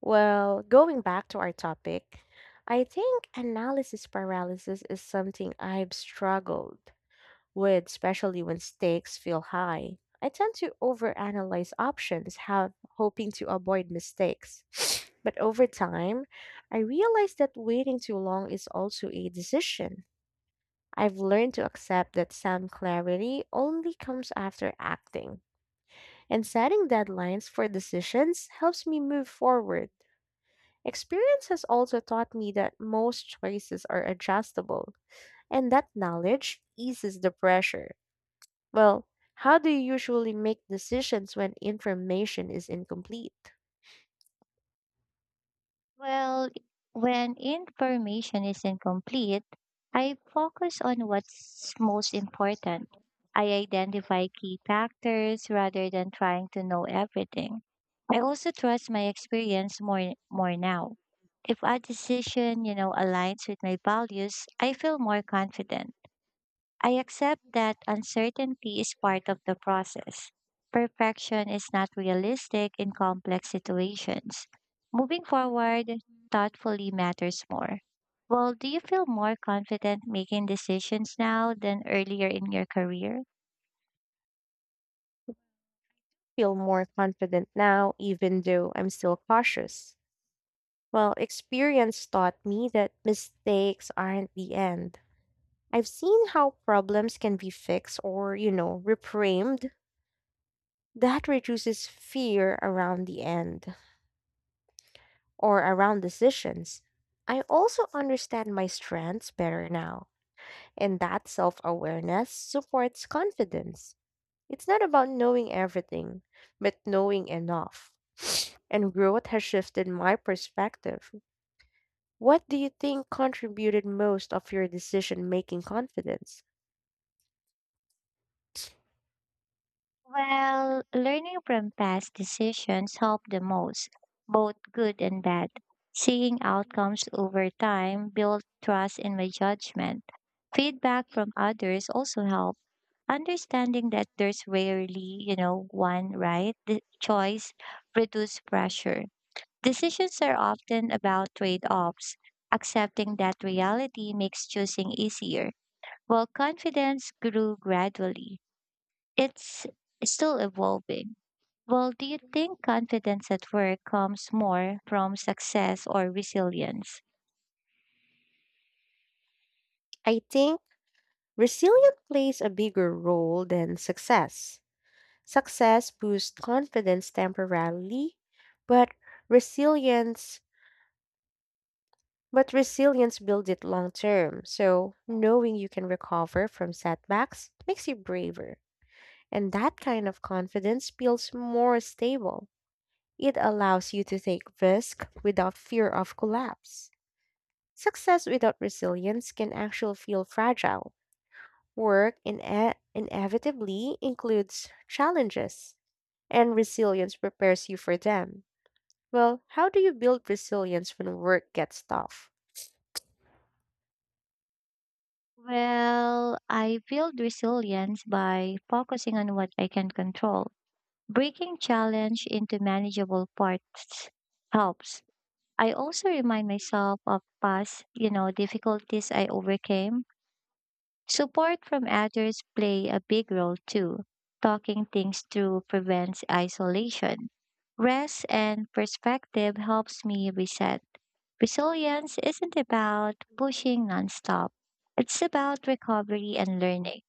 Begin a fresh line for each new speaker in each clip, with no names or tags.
Well, going back to our topic, I think analysis paralysis is something I've struggled with, especially when stakes feel high. I tend to overanalyze options, have hoping to avoid mistakes. But over time, I realized that waiting too long is also a decision. I've learned to accept that some clarity only comes after acting, and setting deadlines for decisions helps me move forward. Experience has also taught me that most choices are adjustable, and that knowledge eases the pressure. Well, how do you usually make decisions when information is incomplete?
Well, when information is incomplete, I focus on what's most important. I identify key factors rather than trying to know everything. I also trust my experience more now. If a decision, aligns with my values, I feel more confident. I accept that uncertainty is part of the process. Perfection is not realistic in complex situations. Moving forward thoughtfully matters more. Well, do you feel more confident making decisions now than earlier in your career?
Feel more confident now, even though I'm still cautious. Well, experience taught me that mistakes aren't the end. I've seen how problems can be fixed or, reframed. That reduces fear around the end, or around decisions. I also understand my strengths better now, and that self awareness supports confidence. It's not about knowing everything, but knowing enough. And growth has shifted my perspective. What do you think contributed most of your decision making confidence?
Well, learning from past decisions help the most, both good and bad. Seeing outcomes over time build trust in my judgment. Feedback from others also help. Understanding that there's rarely, one right the choice reduces pressure. Decisions are often about trade-offs. Accepting that reality makes choosing easier, while confidence grew gradually. It's still evolving. Well, do you think confidence at work comes more from success or resilience?
I think resilience plays a bigger role than success. Success boosts confidence temporarily, but resilience But resilience builds it long term. So, knowing you can recover from setbacks makes you braver. And that kind of confidence feels more stable. It allows you to take risk without fear of collapse. Success without resilience can actually feel fragile. Inevitably includes challenges, and resilience prepares you for them. Well, how do you build resilience when work gets tough?
Well, I build resilience by focusing on what I can control. Breaking challenge into manageable parts helps. I also remind myself of past, difficulties I overcame. Support from others play a big role too. Talking things through prevents isolation. Rest and perspective helps me reset. Resilience isn't about pushing nonstop. It's about recovery and learning.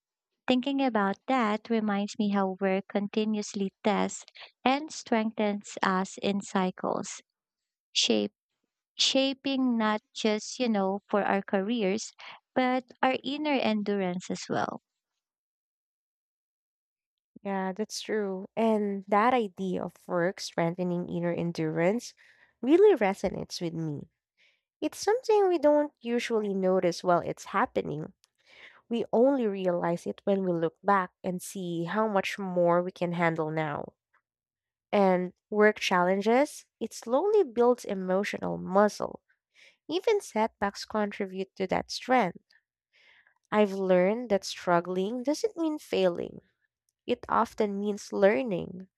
Thinking about that reminds me how work continuously tests and strengthens us in cycles, shape, shaping not just, for our careers, but our inner endurance as well.
Yeah, that's true. And that idea of work strengthening inner endurance really resonates with me. It's something we don't usually notice while it's happening. We only realize it when we look back and see how much more we can handle now. And work challenges, it slowly builds emotional muscle. Even setbacks contribute to that strength. I've learned that struggling doesn't mean failing, it often means learning.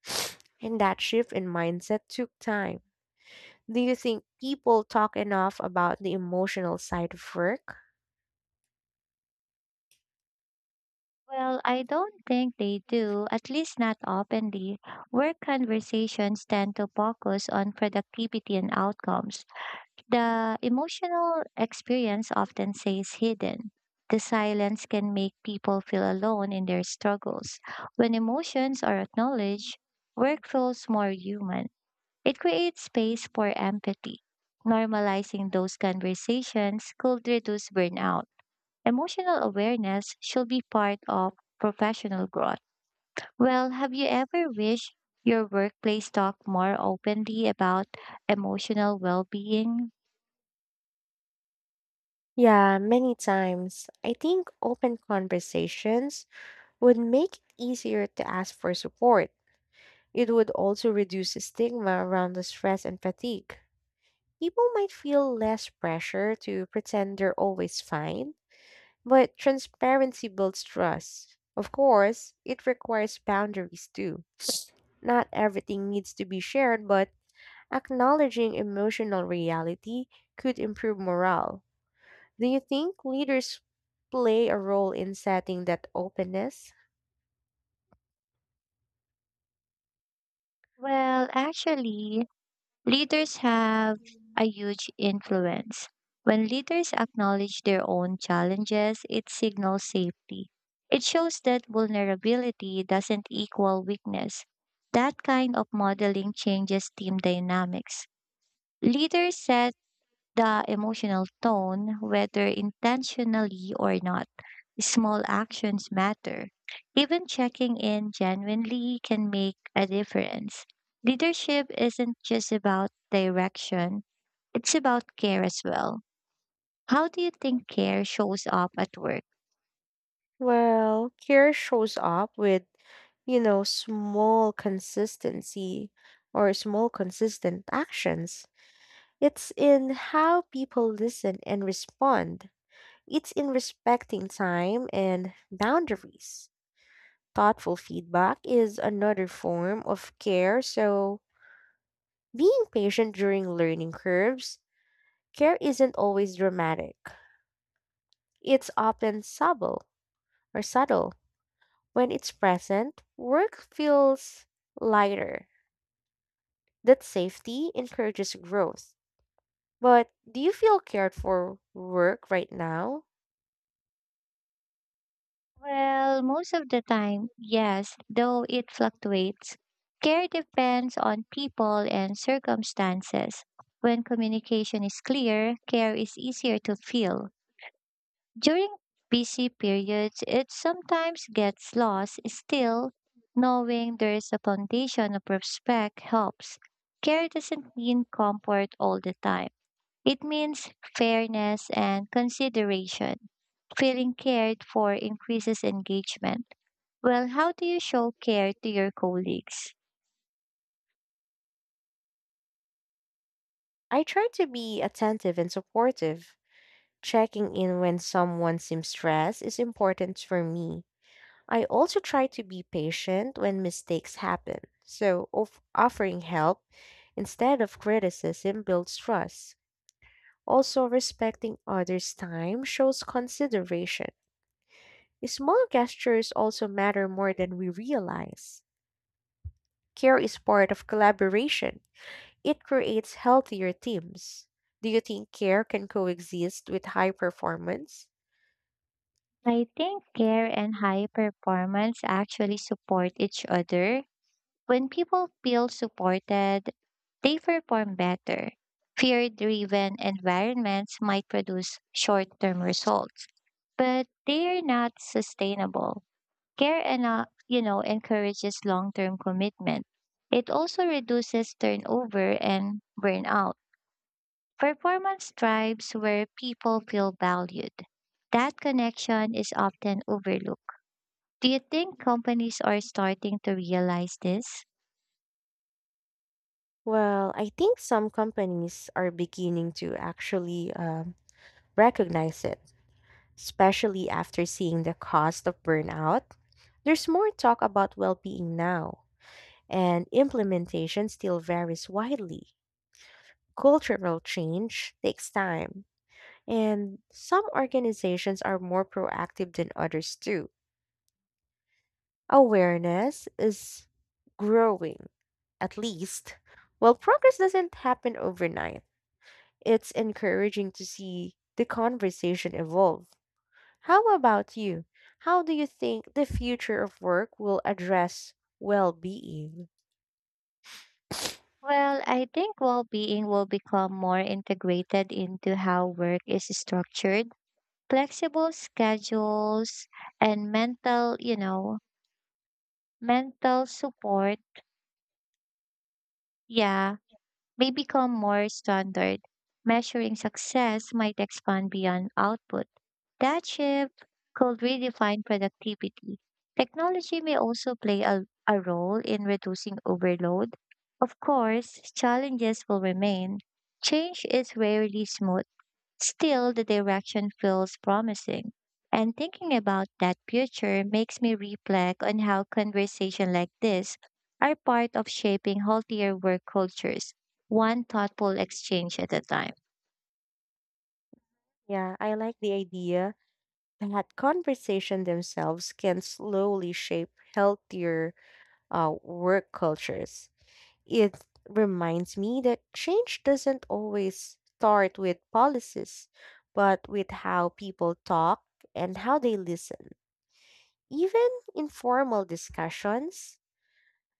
And that shift in mindset took time. Do you think people talk enough about the emotional side of work?
Well, I don't think they do, at least not openly. Work conversations tend to focus on productivity and outcomes. The emotional experience often stays hidden. The silence can make people feel alone in their struggles. When emotions are acknowledged, work feels more human. It creates space for empathy. Normalizing those conversations could reduce burnout. Emotional awareness should be part of professional growth. Well, have you ever wished your workplace talked more openly about emotional well being?
Yeah, many times. I think open conversations would make it easier to ask for support. It would also reduce the stigma around the stress and fatigue. People might feel less pressure to pretend they're always fine, but transparency builds trust. Of course, it requires boundaries too. Not everything needs to be shared, but acknowledging emotional reality could improve morale. Do you think leaders play a role in setting that openness?
Well, actually, leaders have a huge influence. When leaders acknowledge their own challenges, it signals safety. It shows that vulnerability doesn't equal weakness. That kind of modeling changes team dynamics. Leaders set the emotional tone, whether intentionally or not. Small actions matter. Even checking in genuinely can make a difference. Leadership isn't just about direction, it's about care as well. How do you think care shows up at work?
Well, care shows up with, small consistency or small consistent actions. It's in how people listen and respond. It's in respecting time and boundaries. Thoughtful feedback is another form of care, so being patient during learning curves, care isn't always dramatic. It's often subtle. When it's present, work feels lighter. That safety encourages growth. But do you feel cared for work right now?
Well, most of the time, yes, though it fluctuates. Care depends on people and circumstances. When communication is clear, care is easier to feel. During busy periods, it sometimes gets lost. Still, knowing there is a foundation of respect helps. Care doesn't mean comfort all the time. It means fairness and consideration. Feeling cared for increases engagement. Well, how do you show care to your colleagues?
I try to be attentive and supportive. Checking in when someone seems stressed is important for me. I also try to be patient when mistakes happen, so offering help instead of criticism builds trust. Also, respecting others' time shows consideration. Small gestures also matter more than we realize. Care is part of collaboration, it creates healthier teams. Do you think care can coexist with high performance?
I think care and high performance actually support each other. When people feel supported, they perform better. Fear driven environments might produce short term results, but they are not sustainable. Care and encourages long term commitment. It also reduces turnover and burnout. Performance thrives where people feel valued. That connection is often overlooked. Do you think companies are starting to realize this?
Well, I think some companies are beginning to actually recognize it, especially after seeing the cost of burnout. There's more talk about well being now, and implementation still varies widely. Cultural change takes time, and some organizations are more proactive than others too. Awareness is growing, at least. While progress doesn't happen overnight, it's encouraging to see the conversation evolve. How about you? How do you think the future of work will address well being?
Well, I think well being will become more integrated into how work is structured. Flexible schedules and mental, support, yeah, may become more standard. Measuring success might expand beyond output. That shift could redefine productivity. Technology may also play a role in reducing overload. Of course, challenges will remain. Change is rarely smooth. Still, the direction feels promising. And thinking about that future makes me reflect on how conversations like this are part of shaping healthier work cultures, one thoughtful exchange at a time.
Yeah, I like the idea that conversation themselves can slowly shape healthier work cultures. It reminds me that change doesn't always start with policies, but with how people talk and how they listen. Even informal discussions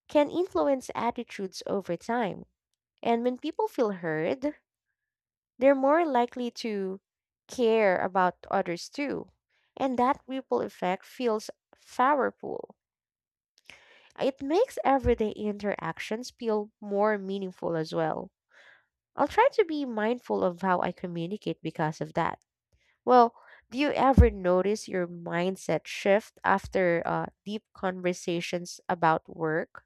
can influence attitudes over time. And when people feel heard, they're more likely to care about others too. And that ripple effect feels powerful. It makes everyday interactions feel more meaningful as well. I'll try to be mindful of how I communicate because of that. Well, do you ever notice your mindset shift after deep conversations about work?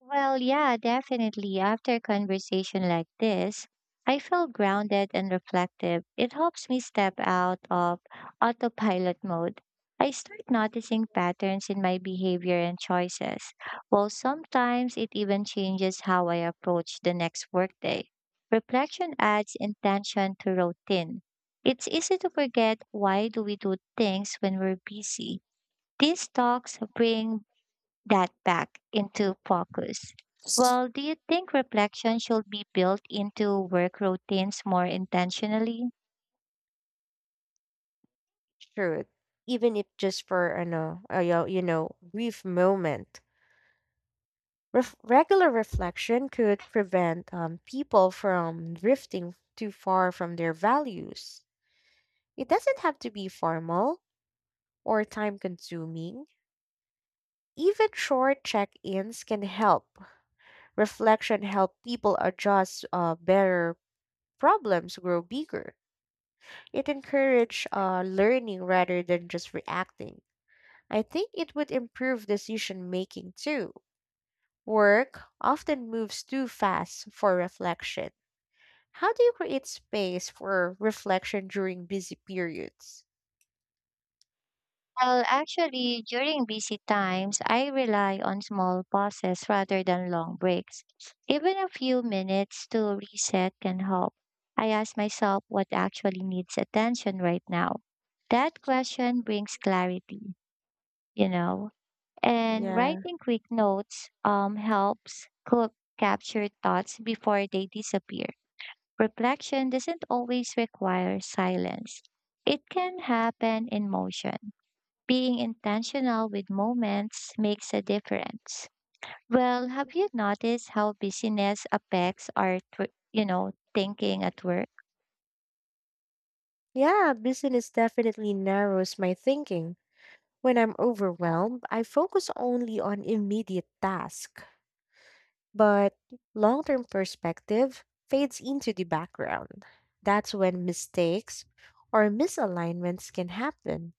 Well, yeah, definitely. After a conversation like this, I feel grounded and reflective. It helps me step out of autopilot mode. I start noticing patterns in my behavior and choices. Well, sometimes it even changes how I approach the next workday. Reflection adds intention to routine. It's easy to forget why do we do things when we're busy. These talks bring that back into focus. Well, do you think reflection should be built into work routines more intentionally?
Truth, even if just for ano, yo- you know, brief moment. Regular reflection could prevent people from drifting too far from their values. It doesn't have to be formal or time consuming. Even short check ins can help. Reflection help people adjust better, problems grow bigger. It encourage learning rather than just reacting. I think it would improve decision making too. Work often moves too fast for reflection. How do you create space for reflection during busy periods?
Well, actually, during busy times, I rely on small pauses rather than long breaks. Even a few minutes to reset can help. I ask myself what actually needs attention right now. That question brings clarity, you know. And
Yeah.
writing quick notes helps cook capture thoughts before they disappear. Reflection doesn't always require silence, it can happen in motion. Being intentional with moments makes a difference. Well, have you noticed how busyness affects thinking at work?
Yeah, business definitely narrows my thinking. When I'm overwhelmed, I focus only on immediate tasks, but long term perspective fades into the background. That's when mistakes or misalignments can happen.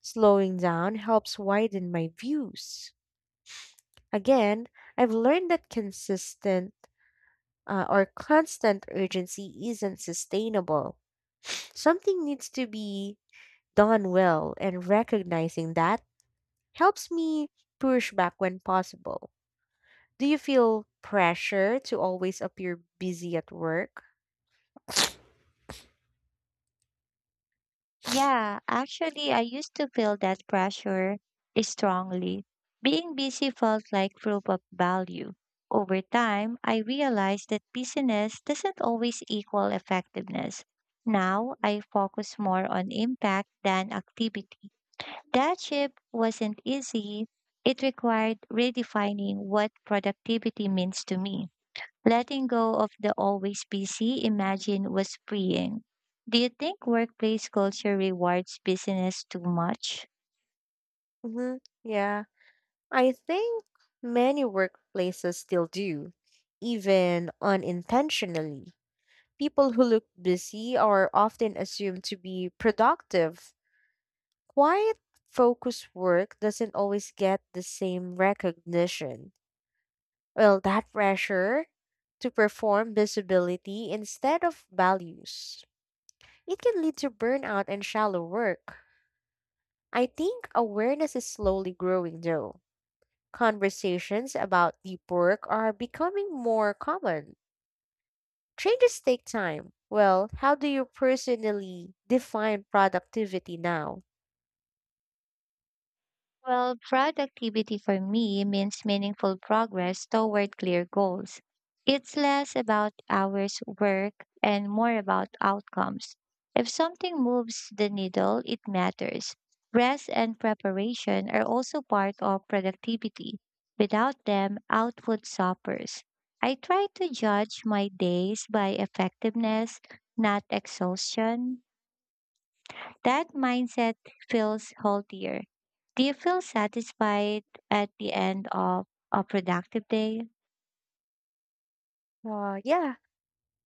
Slowing down helps widen my views. Again, I've learned that consistent or constant urgency isn't sustainable. Something needs to be done well, and recognizing that helps me push back when possible. Do you feel pressure to always appear busy at work?
Yeah, actually, I used to feel that pressure strongly. Being busy felt like proof of value. Over time, I realized that busyness doesn't always equal effectiveness. Now, I focus more on impact than activity. That shift wasn't easy. It required redefining what productivity means to me. Letting go of the always busy imagine was freeing. Do you think workplace culture rewards busyness too much?
hmm Yeah, I think many workplaces still do, even unintentionally. People who look busy are often assumed to be productive. Quiet, focused work doesn't always get the same recognition. Well, that pressure to perform visibility instead of values. It can lead to burnout and shallow work. I think awareness is slowly growing though. Conversations about deep work are becoming more common. Changes take time. Well, how do you personally define productivity now?
Well, productivity for me means meaningful progress toward clear goals. It's less about hours worked and more about outcomes. If something moves the needle, it matters. Rest and preparation are also part of productivity. Without them, output suffers. I try to judge my days by effectiveness, not exhaustion. That mindset feels healthier. Do you feel satisfied at the end of a productive day?
Yeah,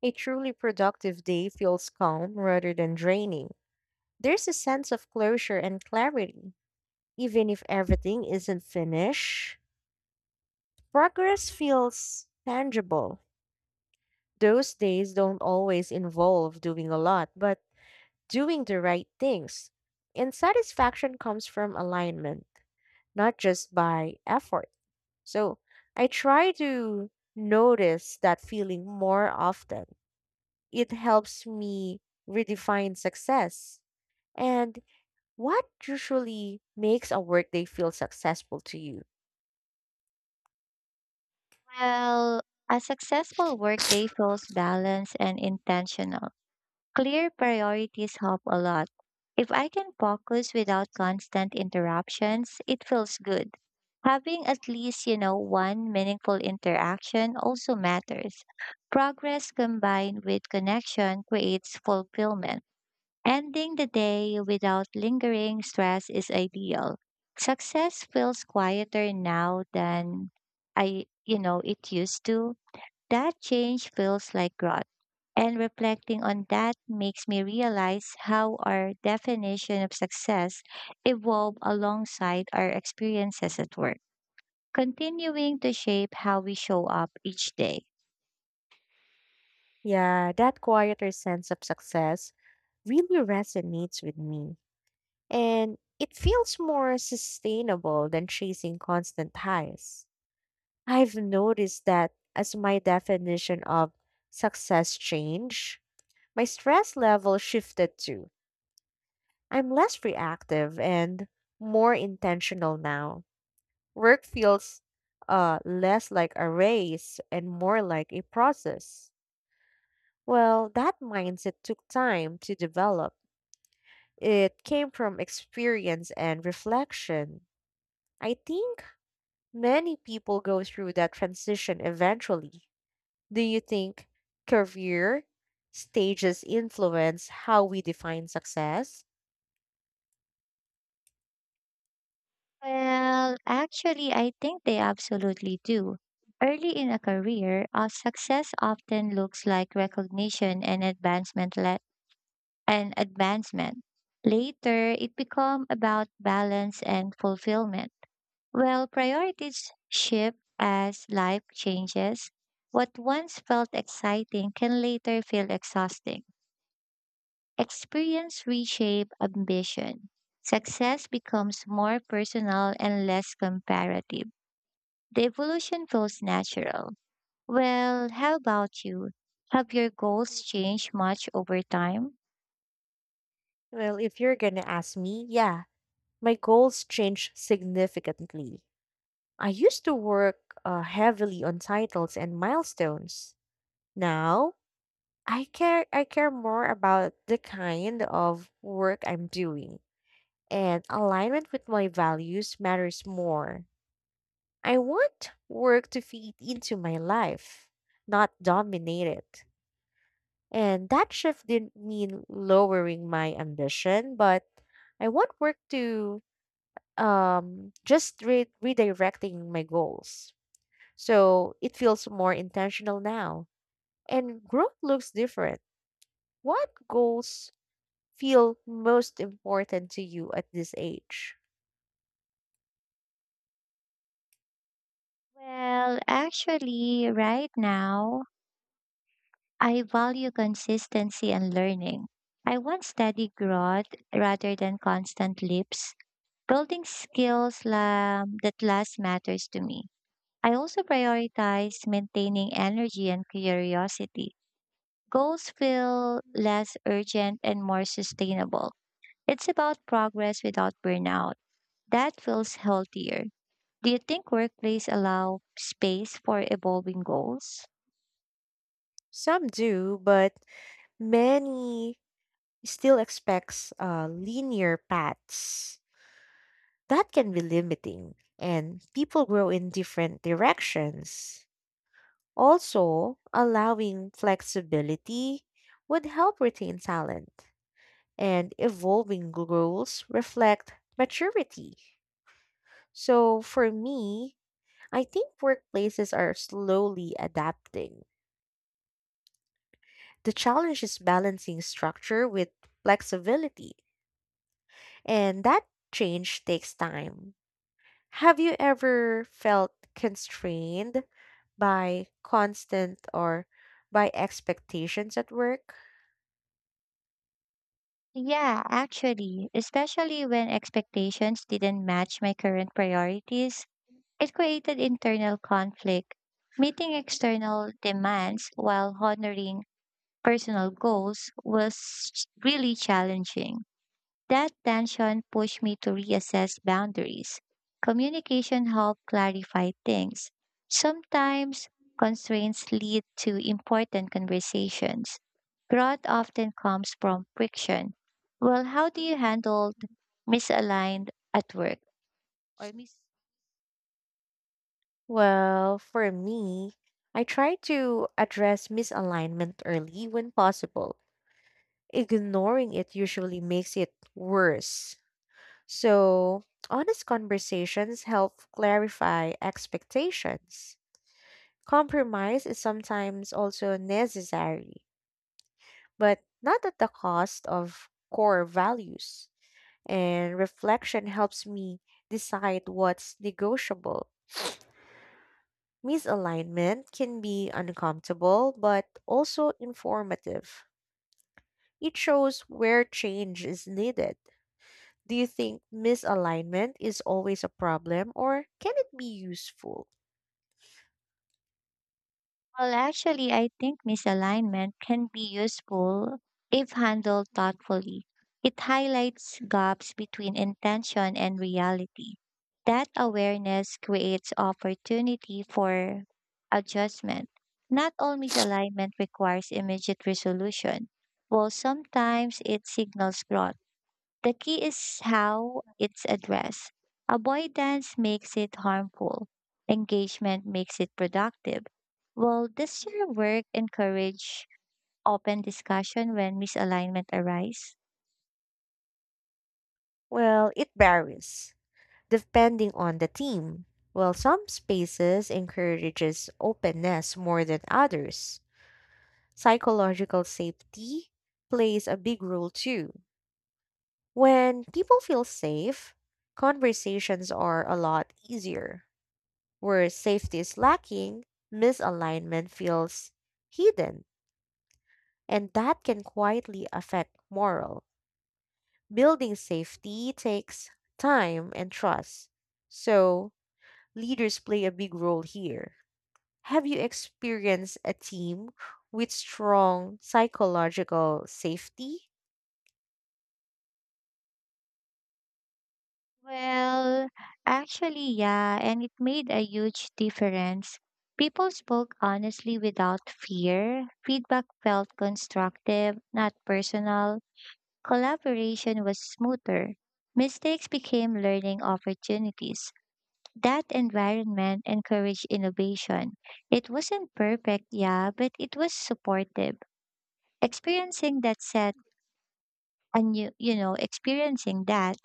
a truly productive day feels calm rather than draining. There's a sense of closure and clarity. Even if everything isn't finished, progress feels tangible. Those days don't always involve doing a lot, but doing the right things. And satisfaction comes from alignment, not just by effort. So I try to notice that feeling more often. It helps me redefine success. And what usually makes a workday feel successful to you?
Well, a successful workday feels balanced and intentional. Clear priorities help a lot. If I can focus without constant interruptions, it feels good. Having at least, you know, one meaningful interaction also matters. Progress combined with connection creates fulfillment. Ending the day without lingering stress is ideal. Success feels quieter now than it used to. That change feels like growth. And reflecting on that makes me realize how our definition of success evolve alongside our experiences at work, continuing to shape how we show up each day.
Yeah, that quieter sense of success really resonates with me. And it feels more sustainable than chasing constant highs. I've noticed that as my definition of success changed, my stress level shifted too. I'm less reactive and more intentional now. Work feels less like a race and more like a process. Well, that mindset took time to develop. It came from experience and reflection. I think many people go through that transition eventually. Do you think career stages influence how we define success?
Well, actually, I think they absolutely do. Early in a career, success often looks like recognition and and advancement. Later, it becomes about balance and fulfillment. Well, priorities shift as life changes. What once felt exciting can later feel exhausting. Experience reshape ambition. Success becomes more personal and less comparative. The evolution feels natural. Well, how about you? Have your goals changed much over time?
Well, if you're going to ask me, yeah, my goals changed significantly. I used to work heavily on titles and milestones. Now, I care more about the kind of work I'm doing, and alignment with my values matters more. I want work to feed into my life, not dominate it. And that shift didn't mean lowering my ambition, but I want work to redirecting my goals. So it feels more intentional now. And growth looks different. What goals feel most important to you at this age?
Well, actually, right now, I value consistency and learning. I want steady growth rather than constant leaps. Building that last matters to me. I also prioritize maintaining energy and curiosity. Goals feel less urgent and more sustainable. It's about progress without burnout. That feels healthier. Do you think workplace allow space for evolving goals?
Some do, but many still expects linear paths. That can be limiting, and people grow in different directions. Also, allowing flexibility would help retain talent, and evolving goals reflect maturity. So for me, I think workplaces are slowly adapting. The challenge is balancing structure with flexibility, and that change takes time. Have you ever felt constrained by constant or by expectations at work?
Yeah, actually, especially when expectations didn't match my current priorities, it created internal conflict. Meeting external demands while honoring personal goals was really challenging. That tension pushed me to reassess boundaries. Communication helped clarify things. Sometimes constraints lead to important conversations. Growth often comes from friction. Well, how do you handle misaligned at work or mis
Well, for me, I try to address misalignment early when possible. Ignoring it usually makes it worse. So, honest conversations help clarify expectations. Compromise is sometimes also necessary, but not at the cost of core values. And reflection helps me decide what's negotiable. Misalignment can be uncomfortable, but also informative. It shows where change is needed. Do you think misalignment is always a problem, or can it be useful?
Well, actually, I think misalignment can be useful if handled thoughtfully. It highlights gaps between intention and reality. That awareness creates opportunity for adjustment. Not all misalignment requires immediate resolution, while sometimes it signals growth. The key is how it's addressed. Avoidance makes it harmful. Engagement makes it productive. Will this your work encourage open discussion when misalignment arise?
Well, it varies depending on the team. While some spaces encourages openness more than others, psychological safety plays a big role too. When people feel safe, conversations are a lot easier. Where safety is lacking, misalignment feels hidden, and that can quietly affect morale. Building safety takes time and trust. So, leaders play a big role here. Have you experienced a team with strong psychological safety?
Well, actually, yeah, and it made a huge difference. People spoke honestly without fear. Feedback felt constructive, not personal. Collaboration was smoother. Mistakes became learning opportunities. That environment encouraged innovation. It wasn't perfect, yeah, but it was supportive. Experiencing that set experiencing that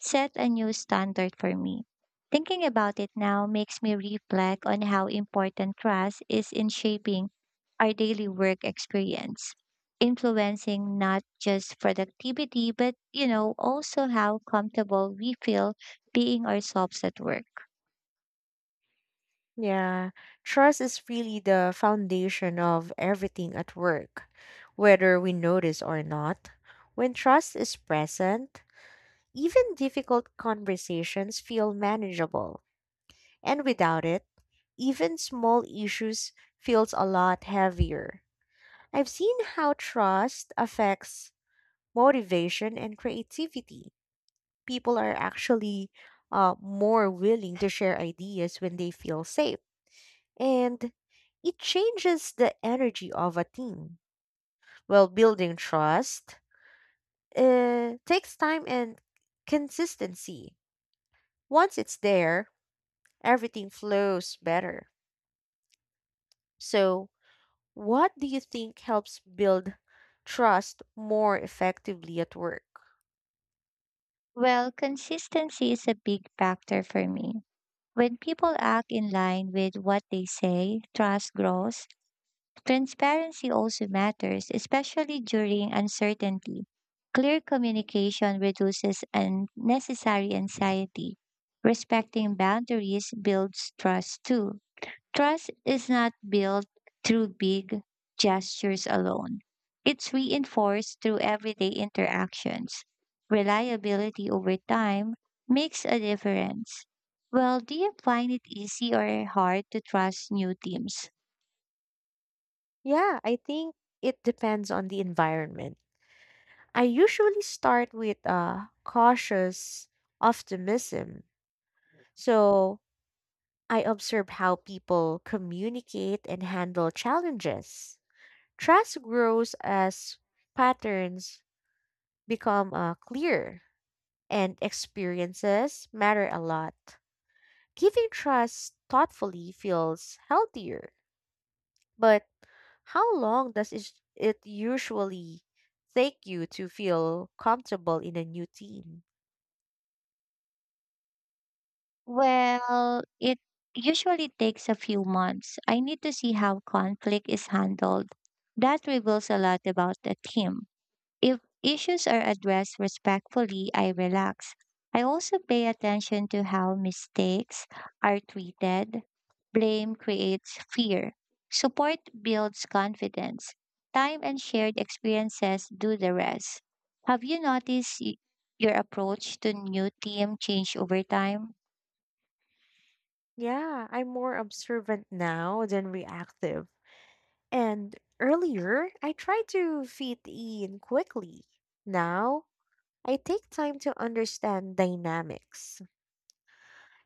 set a new standard for me. Thinking about it now makes me reflect on how important trust is in shaping our daily work experience, influencing not just productivity, but, also how comfortable we feel being ourselves at work.
Yeah, trust is really the foundation of everything at work, whether we notice or not. When trust is present, even difficult conversations feel manageable, and without it, even small issues feels a lot heavier. I've seen how trust affects motivation, and creativity. People are actually more willing to share ideas when they feel safe. And it changes the energy of a team. Well, building trust takes time and consistency. Once it's there, everything flows better. So, what do you think helps build trust more effectively at work?
Well, consistency is a big factor for me. When people act in line with what they say, trust grows. Transparency also matters, especially during uncertainty. Clear communication reduces unnecessary anxiety. Respecting boundaries builds trust too. Trust is not built through big gestures alone. It's reinforced through everyday interactions. Reliability over time makes a difference. Well, do you find it easy or hard to trust new teams?
Yeah, I think it depends on the environment. I usually start with a cautious optimism. So I observe how people communicate and handle challenges. Trust grows as patterns become clear and experiences matter a lot. Giving trust thoughtfully feels healthier. But how long it usually take you to feel comfortable in a new team?
Well, it usually takes a few months. I need to see how conflict is handled. That reveals a lot about the team. If issues are addressed respectfully, I relax. I also pay attention to how mistakes are treated. Blame creates fear. Support builds confidence. Time and shared experiences do the rest. Have you noticed your approach to new team change over time?
Yeah, I'm more observant now than reactive. And earlier, I tried to fit in quickly. Now, I take time to understand dynamics.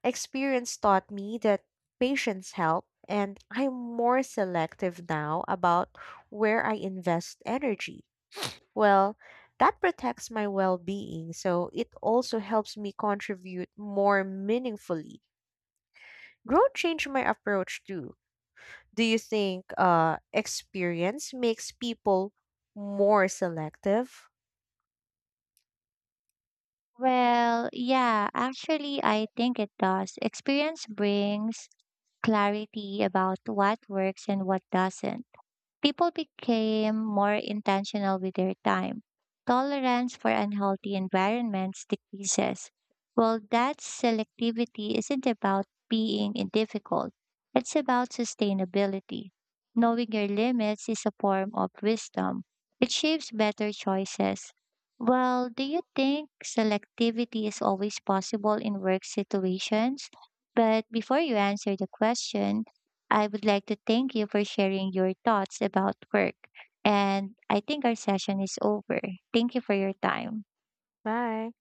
Experience taught me that patience help, and I'm more selective now about where I invest energy. Well, that protects my well-being, so it also helps me contribute more meaningfully. Growth changed my approach too. Do you think experience makes people more selective?
Well, yeah, actually, I think it does. Experience brings clarity about what works and what doesn't. People became more intentional with their time. Tolerance for unhealthy environments decreases. Well, that selectivity isn't about being in difficult, it's about sustainability. Knowing your limits is a form of wisdom, it shapes better choices. Well, do you think selectivity is always possible in work situations? But before you answer the question, I would like to thank you for sharing your thoughts about work. And I think our session is over. Thank you for your time.
Bye.